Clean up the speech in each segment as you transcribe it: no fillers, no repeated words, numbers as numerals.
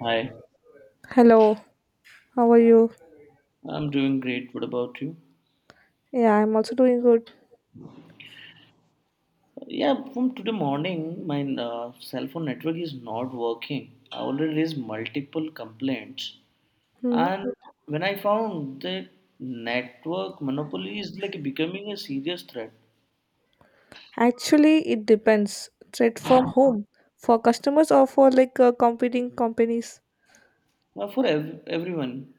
Hi, Hello, how are you? I'm doing great. What about you? Yeah, I'm also doing good. Yeah, from today morning, my cell phone network is not working. I already raised multiple complaints, Hmm. and when I found that network monopoly is like becoming a serious threat Actually, it depends. Thread from whom? For customers or for like competing companies? For everyone,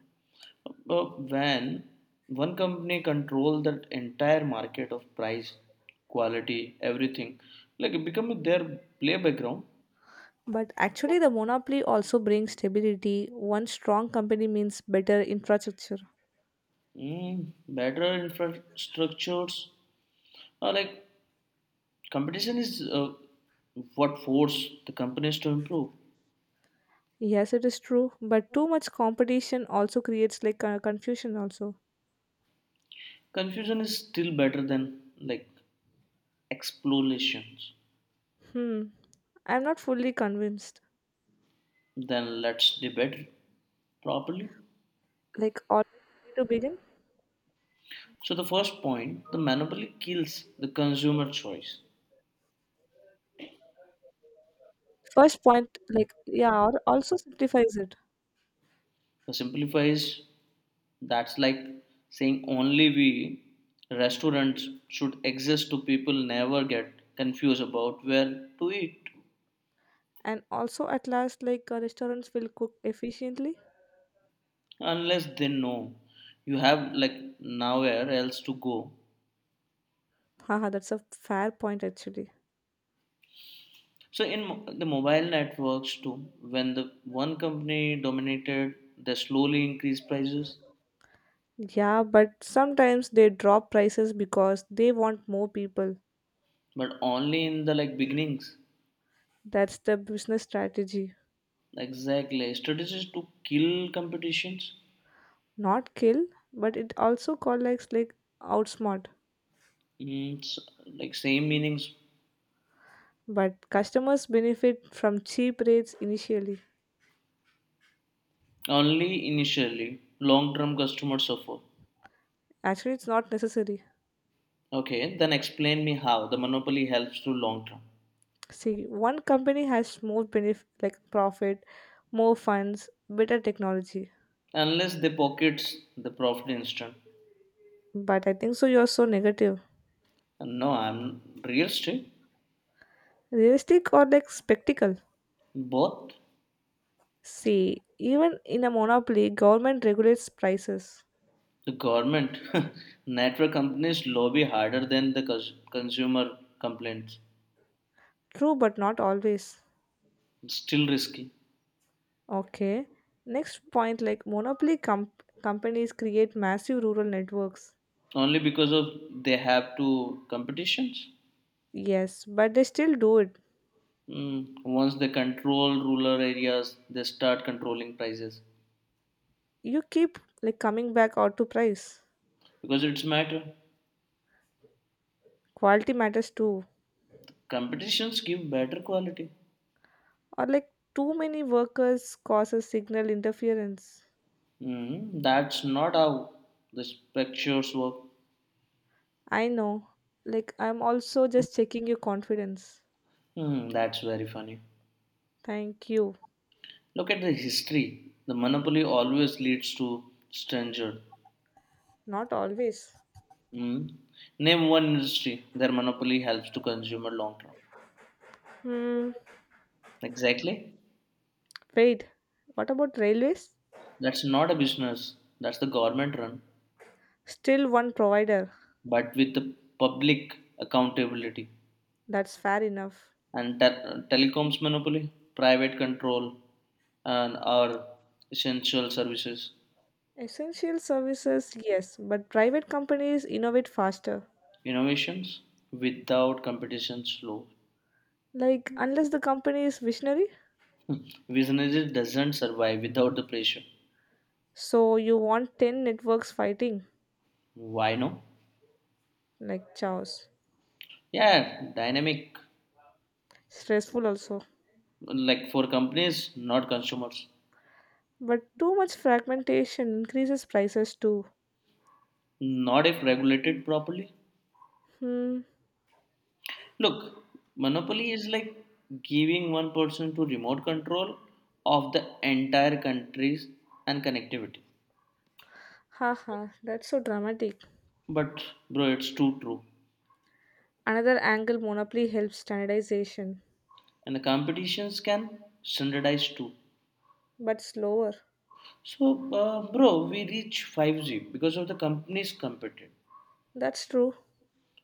uh, when one company control that entire market of price, quality, everything, like becoming their play background, But actually, the monopoly also brings stability. One strong company means better infrastructure. mm, better infrastructures. Like competition is what force the companies to improve. Yes, it is true. But too much competition also creates like confusion. Also, Confusion is still better than like explorations. hmm, I'm not fully convinced. Then let's debate properly. Like, all to begin. So the first point, the monopoly kills the consumer choice. First point, like yeah, also simplifies it. The simplifies that's like saying only we restaurants should exist to people never get confused about where to eat And also at last like restaurants will cook efficiently. unless they know you have like nowhere else to go. Haha, that's a fair point actually. So in the mobile networks too, when the one company dominated, they slowly increased prices, Yeah, but sometimes they drop prices because they want more people. but only in the like beginnings. That's the business strategy. Exactly, strategies to kill competitions. Not kill, but it also collects like, outsmart. Mm, s- like same meanings But customers benefit from cheap rates initially. only initially. Long term customer suffer. Actually, it's not necessary. Okay, then explain me how the monopoly helps to long term. See, one company has more benefit like profit, more funds, better technology. Unless they pockets the profit instant. But I think so you're so negative. No, I'm real estate. Realistic or like spectacle? Both. See, even in a monopoly, government regulates prices. The government, network companies lobby harder than the consumer complaints. True, but not always. It's still risky, Okay. Next point like companies create massive rural networks. only because of they have to competitions. Yes, but they still do it. Mm, once they control rural areas, they start controlling prices You keep like coming back or to price. because it's matter. Quality matters too. Competitions give better quality. Or like too many workers causes signal interference. Mm, that's not how the structures work. I know. Like I'm also just checking your confidence. Hmm, that's very funny. Thank you. Look at the history. The monopoly always leads to stranger. Not always. Mm. Name one industry their monopoly helps to consumer long term. Hmm. Exactly. Wait, what about railways? That's not a business. That's the government run, Still one provider. but with the public accountability That's fair enough. and telecoms monopoly, private control, and our essential services. Essential services, yes, but private companies innovate faster. Innovations without competition slow. Like, unless the company is visionary. Businesses doesn't survive without the pressure. So, you want 10 networks fighting. Why no? Like, chaos. Yeah, dynamic Stressful also. like for companies, not consumers. But too much fragmentation increases prices too. Not if regulated properly. Hmm. Look, monopoly is like giving one person to remote control of the entire countries and connectivity. Haha, that's so dramatic. But bro, it's too true. Another angle monopoly helps standardization, And the competitions can standardize too. but slower. So bro, we reach 5G because of the companies competing. That's true.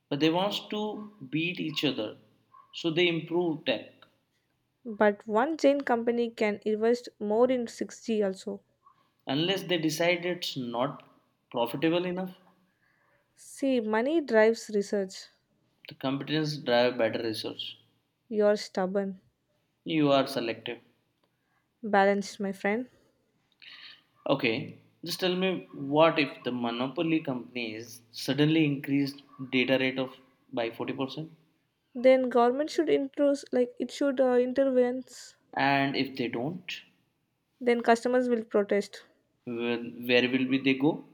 But they wants to beat each other. So they improve tech. But one Jane company can invest more in 6G also. Unless they decide it's not profitable enough, See, money drives research. the competence drive better research. You're stubborn. You are selective. Balanced, my friend. Okay, just tell me what if the monopoly companies suddenly increase data rate of by 40%? Then government should introduce, like it should intervenes. And if they don't, Then customers will protest. Where will be they go?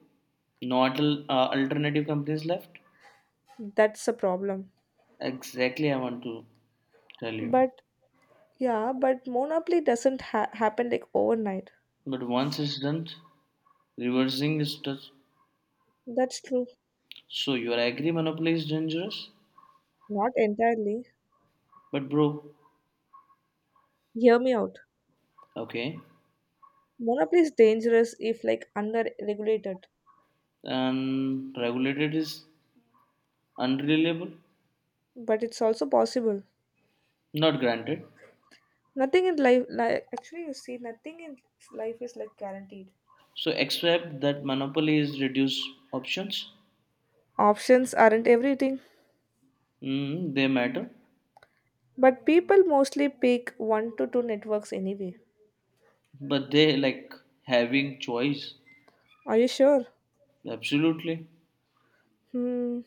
Not alternative companies left? That's a problem. Exactly, I want to tell you. But yeah, but monopoly doesn't ha- happen like overnight. But once it's done, reversing is just That's true. so you are agree monopoly is dangerous, Not entirely. but bro, Hear me out. okay, Monopoly is dangerous if like under regulated, and regulated is unreliable, but it's also possible. not granted. Nothing in life, like actually, you see, nothing in life is like guaranteed. So, except that monopoly is reduce options, Options aren't everything, mm, they matter, but people mostly pick one to two networks anyway. but they like having choice. Are you sure? Absolutely. Hmm,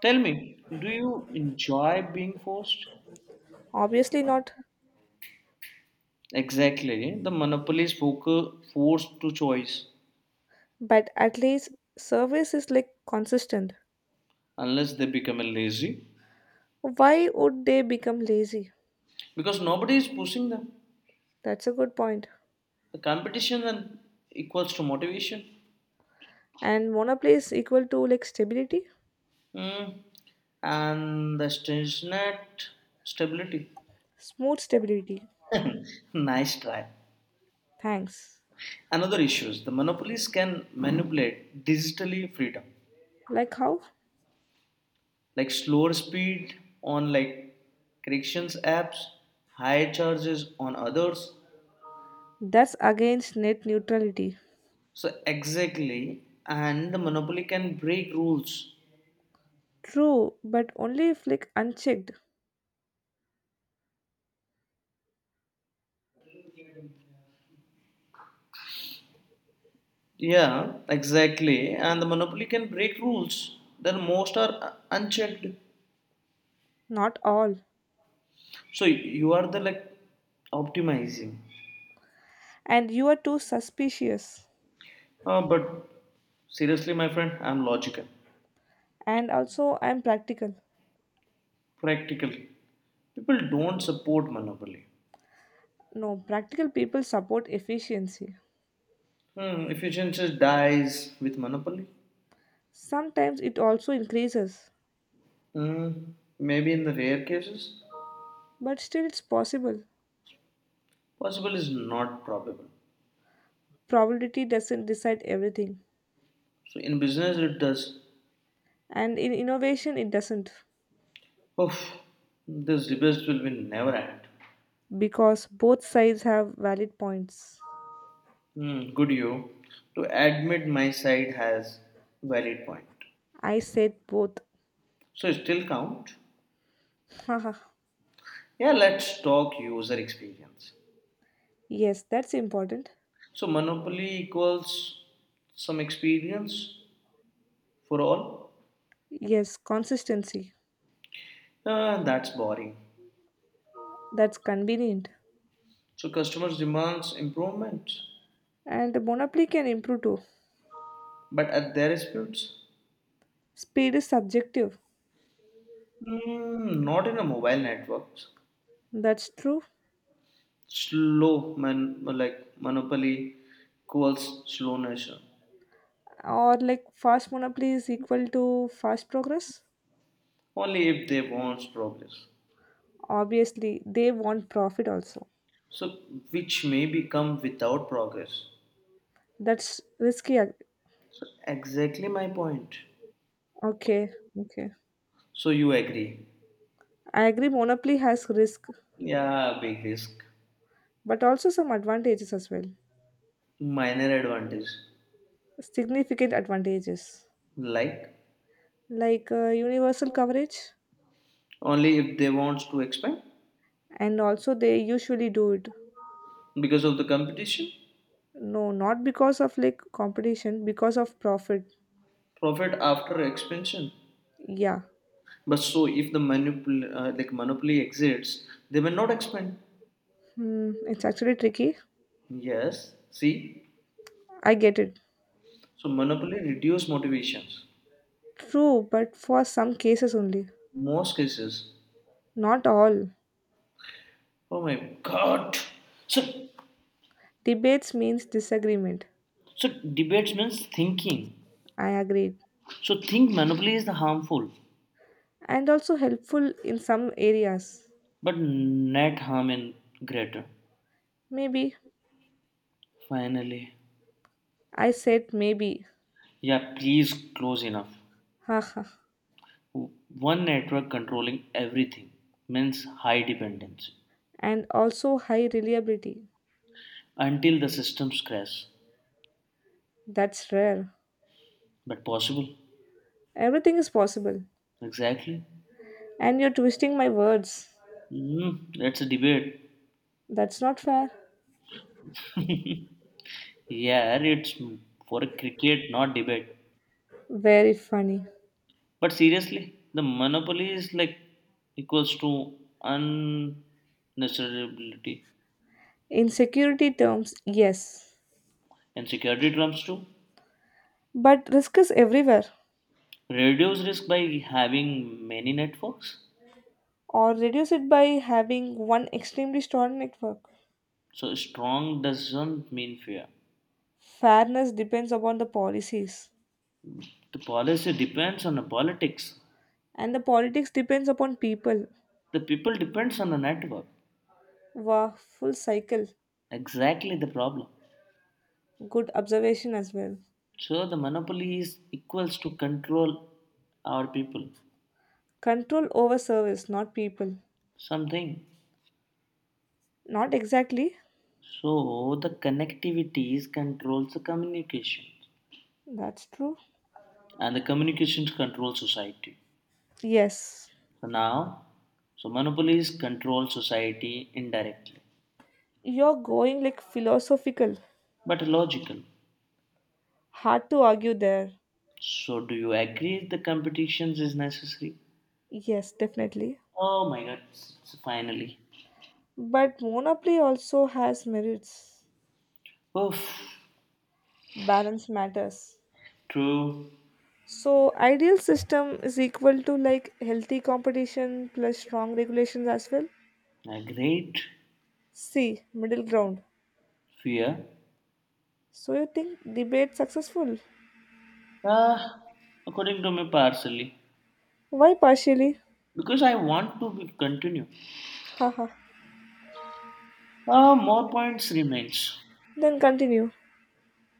Tell me, do you enjoy being forced? obviously not. Exactly. The monopoly is focus, forced to choice But at least service is like consistent. unless they become lazy Why would they become lazy? because nobody is pushing them. That's a good point. The competition then equals to motivation. And monoplay is equal to like stability, Mm. And the net stability. smooth stability. Nice try. Thanks. Another issue is the monopolies can manipulate digitally freedom, Like how? like slower speed on like corrections apps, higher charges on others. That's against net neutrality. So exactly, and the monopoly can break rules. True, but only if like unchecked. Yeah, exactly, and the monopoly can break rules. Then most are unchecked. Not all. So you are the like optimizing. And you are too suspicious. But seriously, my friend, I'm logical, And also, I'm practical. practical. People don't support monopoly. No, practical people support efficiency. Hmm, efficiency dies with monopoly. Sometimes it also increases, Hmm, maybe in the rare cases. but still it's possible. Possible is not probable. Probability doesn't decide everything. So in business it does. And in innovation, it doesn't. Oof, this debate will be never end. Because both sides have valid points. Hmm, good you. To admit my side has valid point. I said both. So it still count. Haha. Yeah, let's talk user experience. Yes, that's important. So monopoly equals some experience for all. Yes, consistency. Ah, that's boring. That's convenient. So customers demands improvement. And the monopoly can improve too. But at their speeds, Speed is subjective. mm, not in a mobile networks. That's true. Slow man like monopoly equals slow nation. Or like fast monopoly is equal to fast progress. Only if they want progress. Obviously they want profit also. So which may become without progress. That's risky So exactly my point. okay, okay. So you agree? I agree monopoly has risk, Yeah, big risk, but also some advantages as well, minor advantage. significant advantages, Like like universal coverage. only if they want to expand And also they usually do it, because of the competition, no, not because of like competition, because of profit. profit after expansion. Yeah. But so if the monopol like monopoly exists, they will not expand. Hmm, it's actually tricky. Yes, see, I get it. so monopoly reduce motivations. True, but for some cases only. Most cases, Not all. oh my god. So, Debates means disagreement. so debates means thinking. I agreed. So think monopoly is the harmful, And also helpful in some areas. but net harm in greater. Maybe. Finally, I said maybe. yeah, please close enough. Haha. One network controlling everything means high dependency And also high reliability. until the systems crash. That's rare. But possible, Everything is possible. exactly. And you're twisting my words. Mm, it's a debate. That's not fair. Yeah, it's for a cricket, not debate. Very funny. But seriously, the monopoly is like equals to unnecessarily In security terms, yes. and security trumps too. But risk is everywhere. Reduce risk by having many networks. Or reduce it by having one extremely strong network. So strong doesn't mean fear. Fairness depends upon the policies. The policy depends on the politics. And the politics depends upon people. The people depends on the network. Wow, full cycle. Exactly the problem. Good observation as well. So the monopoly is equals to control our people. Control over service, not people. Something. Not exactly. So the connectivities controls the communication, That's true. and the communications control society. Yes. So now, so monopolies control society indirectly, You're going like philosophical. but logical. Hard to argue there. So do you agree the competitions is necessary? Yes, definitely. Oh my God! Finally, But monopoly also has merits. oof, Balance matters. true, So ideal system is equal to like healthy competition plus strong regulations as well. a great See, middle ground. fear. So you think debate successful? Ah, according to me, partially Why partially? because I want to be continue. Haha. Ah, more points remains. Then continue.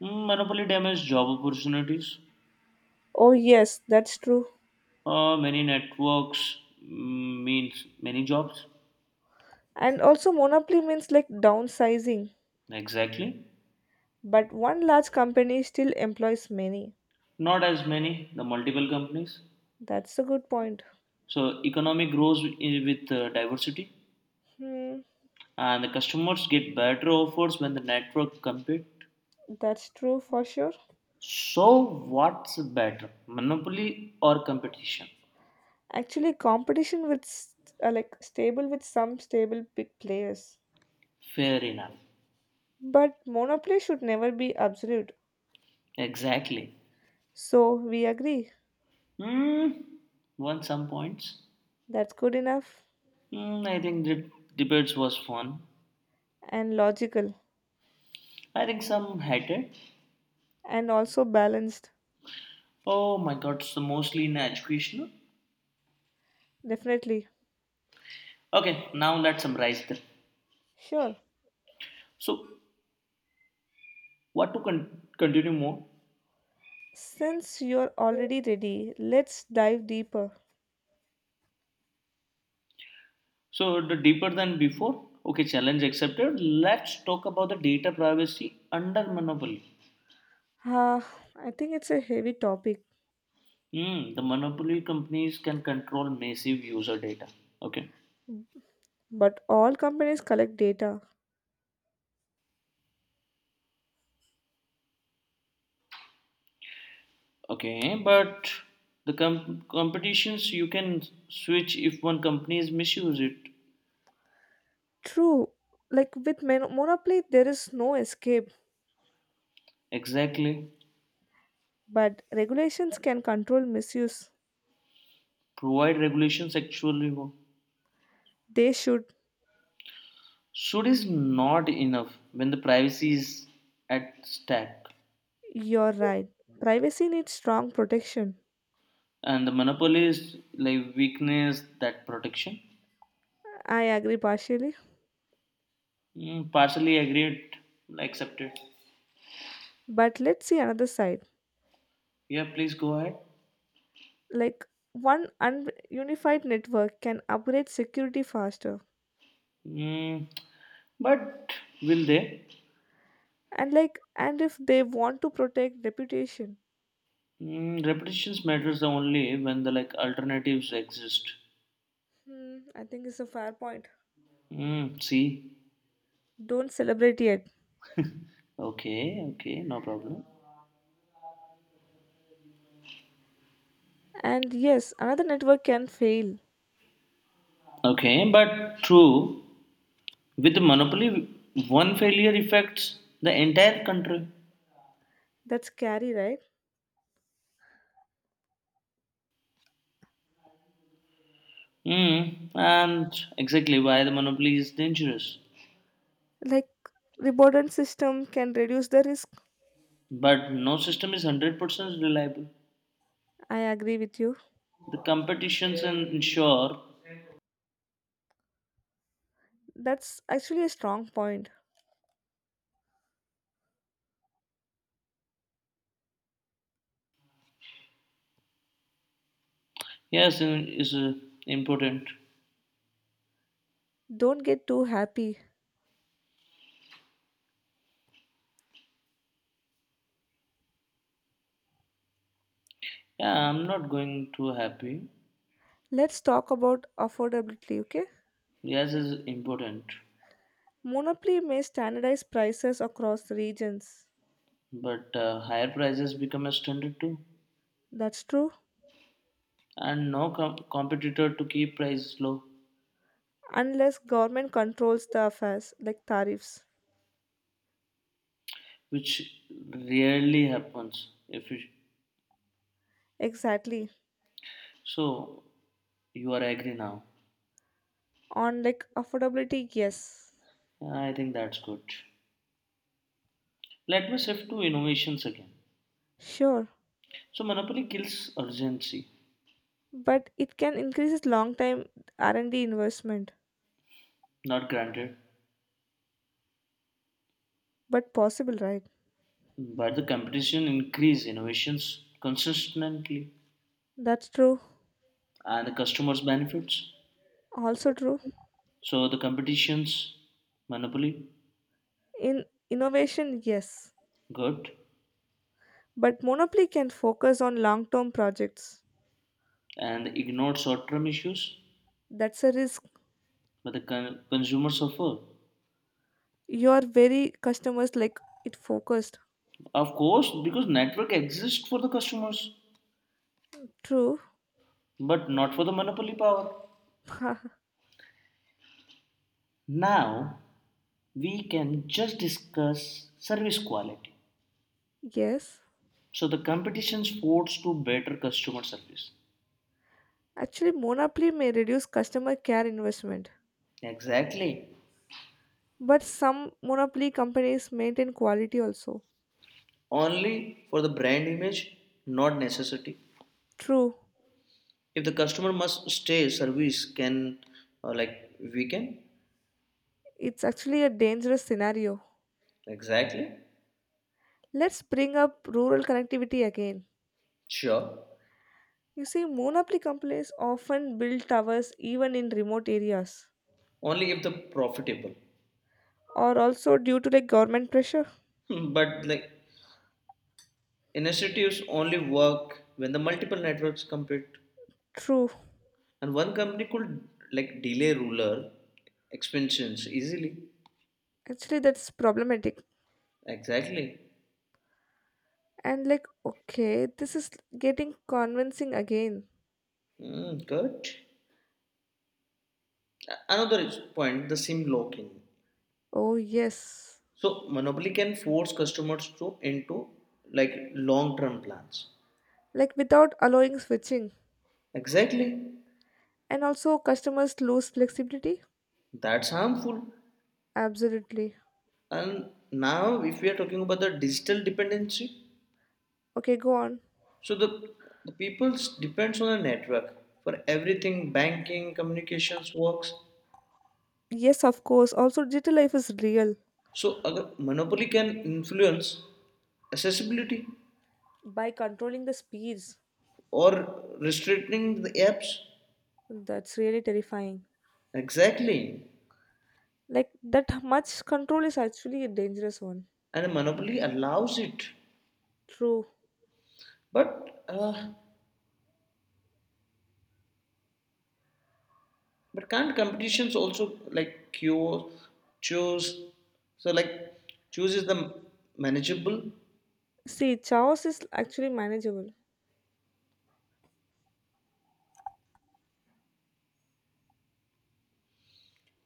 Mm, monopoly damages job opportunities. Oh yes, that's true. Many networks mm, means many jobs. And also monopoly means like downsizing, Exactly. but one large company still employs many. Not as many, the multiple companies. That's a good point. So economy grows with diversity Hmm, and the customers get better offers when the network compete. that's true for sure. So what's better, monopoly or competition? Actually, competition with like stable with some stable big players. Fair enough. But monopoly should never be absolute. Exactly. So we agree. Mm, won some points. That's good enough, Mm, I think the debates was fun. and logical, I think some hated, and also balanced. oh my god, so mostly in educational. Definitely. Okay, now let's summarize this. Sure. So, what to continue more? Since you're already ready, let's dive deeper. So, the deeper than before. Okay, challenge accepted. Let's talk about the data privacy under monopoly. Ah, I think it's a heavy topic, Hmm, the monopoly companies can control massive user data. Okay, but all companies collect data. okay, but the competitions you can switch if one company is misuse it. True. Like with monopoly, there is no escape, Exactly. but regulations can control misuse. Provide regulations actually work. They should. Should is not enough when the privacy is at stake, You're right. Privacy needs strong protection. and the monopoly is like weakness that protection. I agree partially, Mm, partially agreed, like, accepted. but let's see another side. Yeah, please go ahead. Like one unified network can upgrade security faster, Mm, but will they? and if they want to protect reputation. Mm, repetitions matters only when the like alternatives exist. Hmm, I think it's a fair point. Mm, see, Don't celebrate yet. okay, okay, no problem. And yes, another network can fail. Okay, but true. With the monopoly, one failure affects the entire country. That's scary, right? Mm, and exactly why the monopoly is dangerous. Like redundant system can reduce the risk. But no system is 100% reliable. I agree with you. The competitions and ensure, That's actually a strong point. yes, is important. Don't get too happy. Yeah, I'm not going too happy. Let's talk about affordability, okay? Yes, is important. Monopoly may standardize prices across regions. But higher prices become a standard too. That's true, And no competitor to keep prices low, unless government controls the affairs like tariffs. which rarely happens. If you, Exactly. so, you are agree now. On like affordability, yes. Yeah, I think that's good. Let me shift to innovations again. Sure. So monopoly kills urgency, But it can increase long time R&D investment. not granted, But possible, right? but the competition increase innovations consistently That's true. and the customers benefits. Also true. So the competitions monopoly In innovation, yes. good But monopoly can focus on long term projects. and ignore short-term issues, That's a risk. but the consumer suffer. You are very customers like it focused. Of course, because network exists for the customers, True. but not for the monopoly power. Now we can just discuss service quality. Yes, So the competitions force to better customer service. actually monopoly may reduce customer care investment. Exactly. But some monopoly companies maintain quality also. Only for the brand image, not necessity. True. If the customer must stay, service can, like, we can. It's actually a dangerous scenario. Exactly. Let's bring up rural connectivity again. Sure. You see, monopoly companies often build towers even in remote areas, Only if the profitable. or also due to like government pressure. Hmm, but like initiatives only work when the multiple networks compete, True. and one company could like delay ruler expansions easily. Actually, that's problematic. Exactly. And like, okay, this is getting convincing again. Mm, good. Another point: the SIM locking. Oh, yes. So monopoly can force customers to into like long-term plans. Like, without allowing switching. Exactly. And also, customers lose flexibility. That's harmful. Absolutely. And now if we are talking about the digital dependency, Okay, go on. so the, the people depends on a network for everything banking, communications works. Yes, of course. Also, digital life is real. So अगर monopoly can influence accessibility By controlling the speeds, or restricting the apps that's really terrifying. exactly Like that much control is actually a dangerous one. and monopoly allows it True. but but can't competitions also like cure, choose? So like choose is the manageable See, chaos is actually manageable.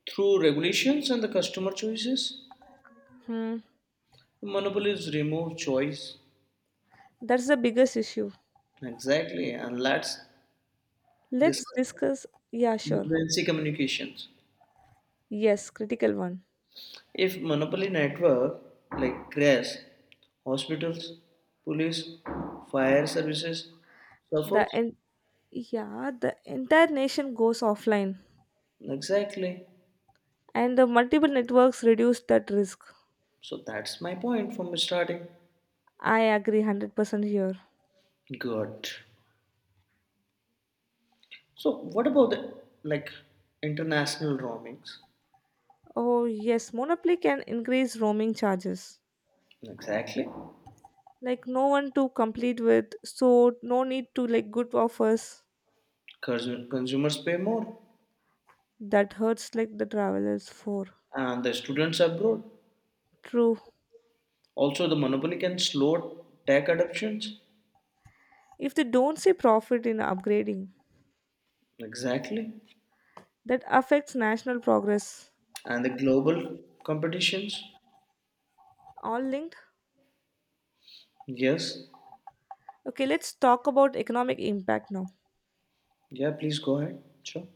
through regulations and the customer choices. Hmm. Monopolies remove choice That's the biggest issue. exactly, and let's Let's discuss discuss. Yeah, sure. emergency communications. Yes, critical one. If monopoly network like crashes, hospitals, police, fire services The suffers en- yeah, the entire nation goes offline, exactly. and the multiple networks reduce that risk. So that's my point from starting. I agree 100% here. Good. So, what about the like international roamings? Oh yes, monopoly can increase roaming charges. Exactly. Like no one to complete with, so no need to like good offers, Consumers pay more, that hurts like the travelers for. and the students abroad. True. Also, the monopoly can slow tech adoptions. If they don't see profit in upgrading, Exactly. that affects national progress. And the global competitions. All linked. Yes. Okay, let's talk about economic impact now. Yeah. Please go ahead. Sure.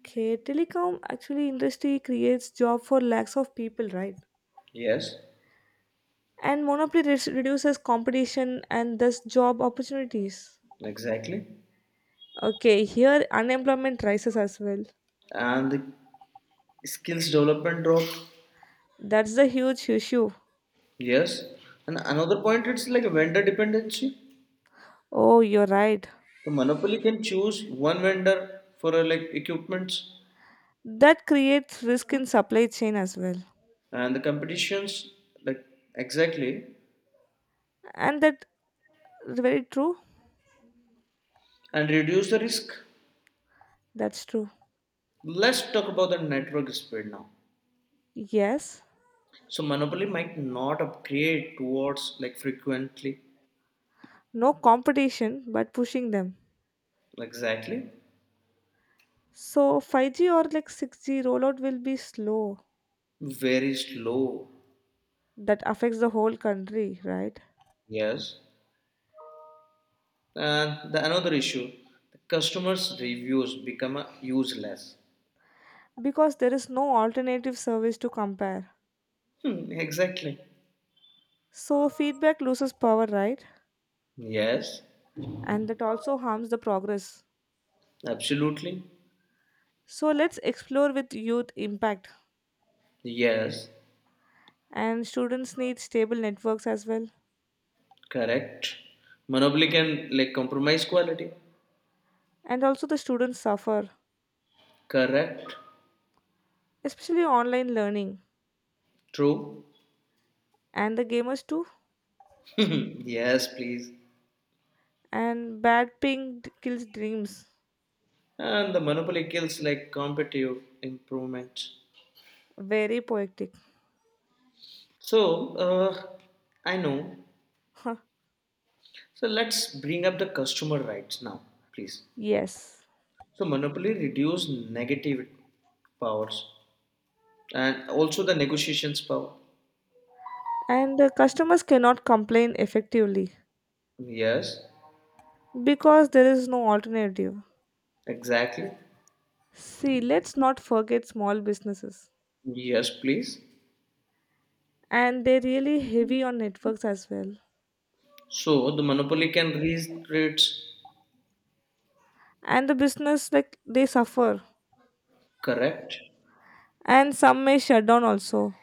Okay, telecom actually industry creates job for lakhs of people, right? Yes. And monopoly reduces competition and thus job opportunities. Exactly. Okay, here unemployment rises as well. And the skills development drop. That's the huge issue. Yes. And another point, it's like a vendor dependency. Oh, you're right. The monopoly can choose one vendor for like equipments That creates risk in supply chain as well, and the competitions like exactly and that, very true. and reduce the risk. That's true. Let's talk about the network speed now. Yes, So monopoly might not upgrade towards like frequently no competition, but pushing them. exactly So 5G or like 6G rollout will be slow. very slow That affects the whole country, right? yes and the another issue the customers reviews become useless. Because there is no alternative service to compare. Hmm, exactly So feedback loses power, right? yes And that also harms the progress. absolutely So let's explore with youth impact. yes And students need stable networks as well. correct monopoly can like compromise quality And also the students suffer, correct especially online learning. true. And the gamers too, Yes, please. and bad ping kills dreams. And the monopoly kills like competitive improvement. Very poetic. So, I know. Huh. So let's bring up the customer rights now, please. Yes. So monopoly reduce negative powers and also the negotiations power. And the customers cannot complain effectively Yes, because there is no alternative. exactly. See, let's not forget small businesses. Yes, please. And they're really heavy on networks as well. So the monopoly can raise rates. And the business, like, they suffer. Correct. And some may shut down also.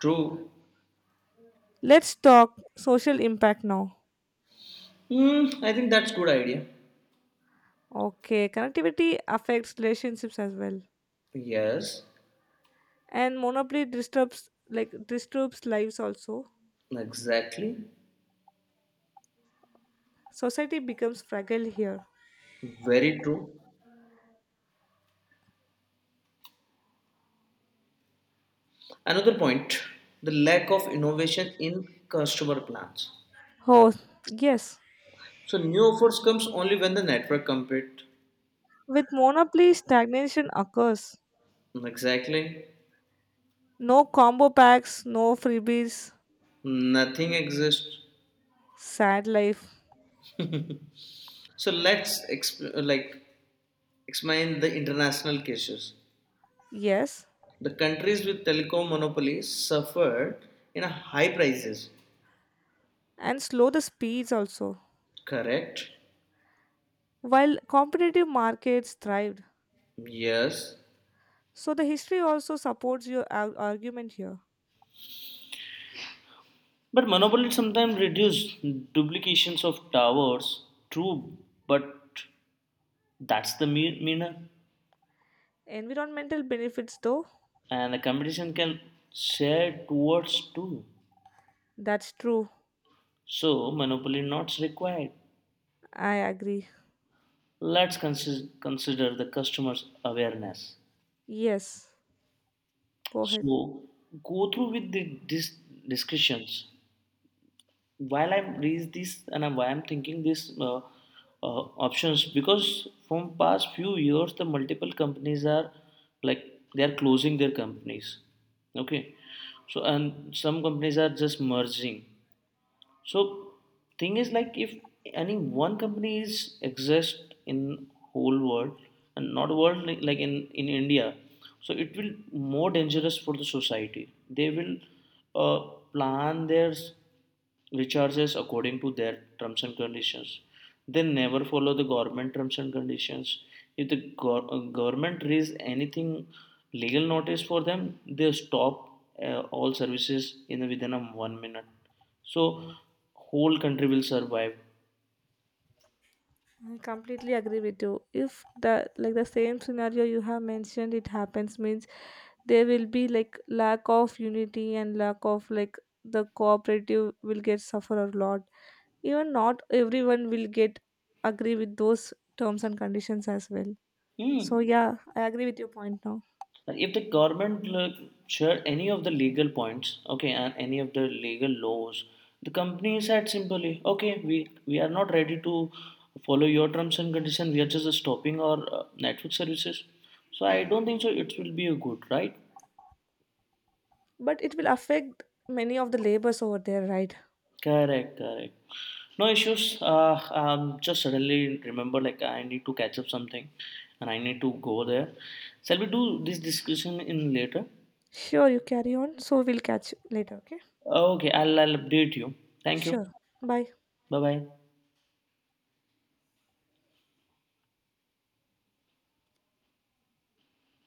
True. Let's talk social impact now. Hmm, I think that's good idea. Okay, connectivity affects relationships as well. Yes, And monopoly disturbs, like, disturbs lives also. exactly. Society becomes fragile here. Very true. Another point, the lack of innovation in customer plans. Oh, yes. So new offers comes only when the network compete. With monopoly, stagnation occurs. Exactly, No combo packs, no freebies, nothing exists. sad life. So let's like explain the international cases. Yes, The countries with telecom monopolies suffered in a high prices. and slow the speeds also. Correct. While competitive markets thrived. Yes. So the history also supports your argument here. But monopoly sometimes reduce duplications of towers. True, but that's the meaner. Environmental benefits, though, And the competition can share towards too. that's true. So, monopoly not required. I agree. Let's consider the customer's awareness. Yes, go ahead. So, go through with the, these discussions. While I read this and why I'm thinking these uh, options because from past few years the multiple companies are like they are closing their companies. Okay, so and some companies are just merging. So thing is like if any one company is exist in whole world and not world like, in India, so it will more dangerous for the society. They will uh, plan their recharges according to their terms and conditions. They never follow the government terms and conditions. If the government raise anything legal notice for them, they stop all services in within a 1 minute. So whole country will survive. I completely agree with you. If the like the same scenario you have mentioned it happens means there will be like lack of unity and lack of like the cooperative will get suffer a lot. Even not everyone will get agree with those terms and conditions as well. So Hmm. yeah, I agree with your point now. If the government share any of the legal points, okay, and any of the legal laws, the company said simply, okay, we are not ready to follow your terms and conditions. We are just stopping our Netflix services. So I don't think so. It will be a good, right? But it will affect many of the labors over there, right? Correct, correct. No issues. Just suddenly remember, like I need to catch up something, and I need to go there. Shall we do this discussion in later? Sure, you carry on. So we'll catch you later, okay? Okay, I'll update you. Thank you. Sure. Bye. Bye bye.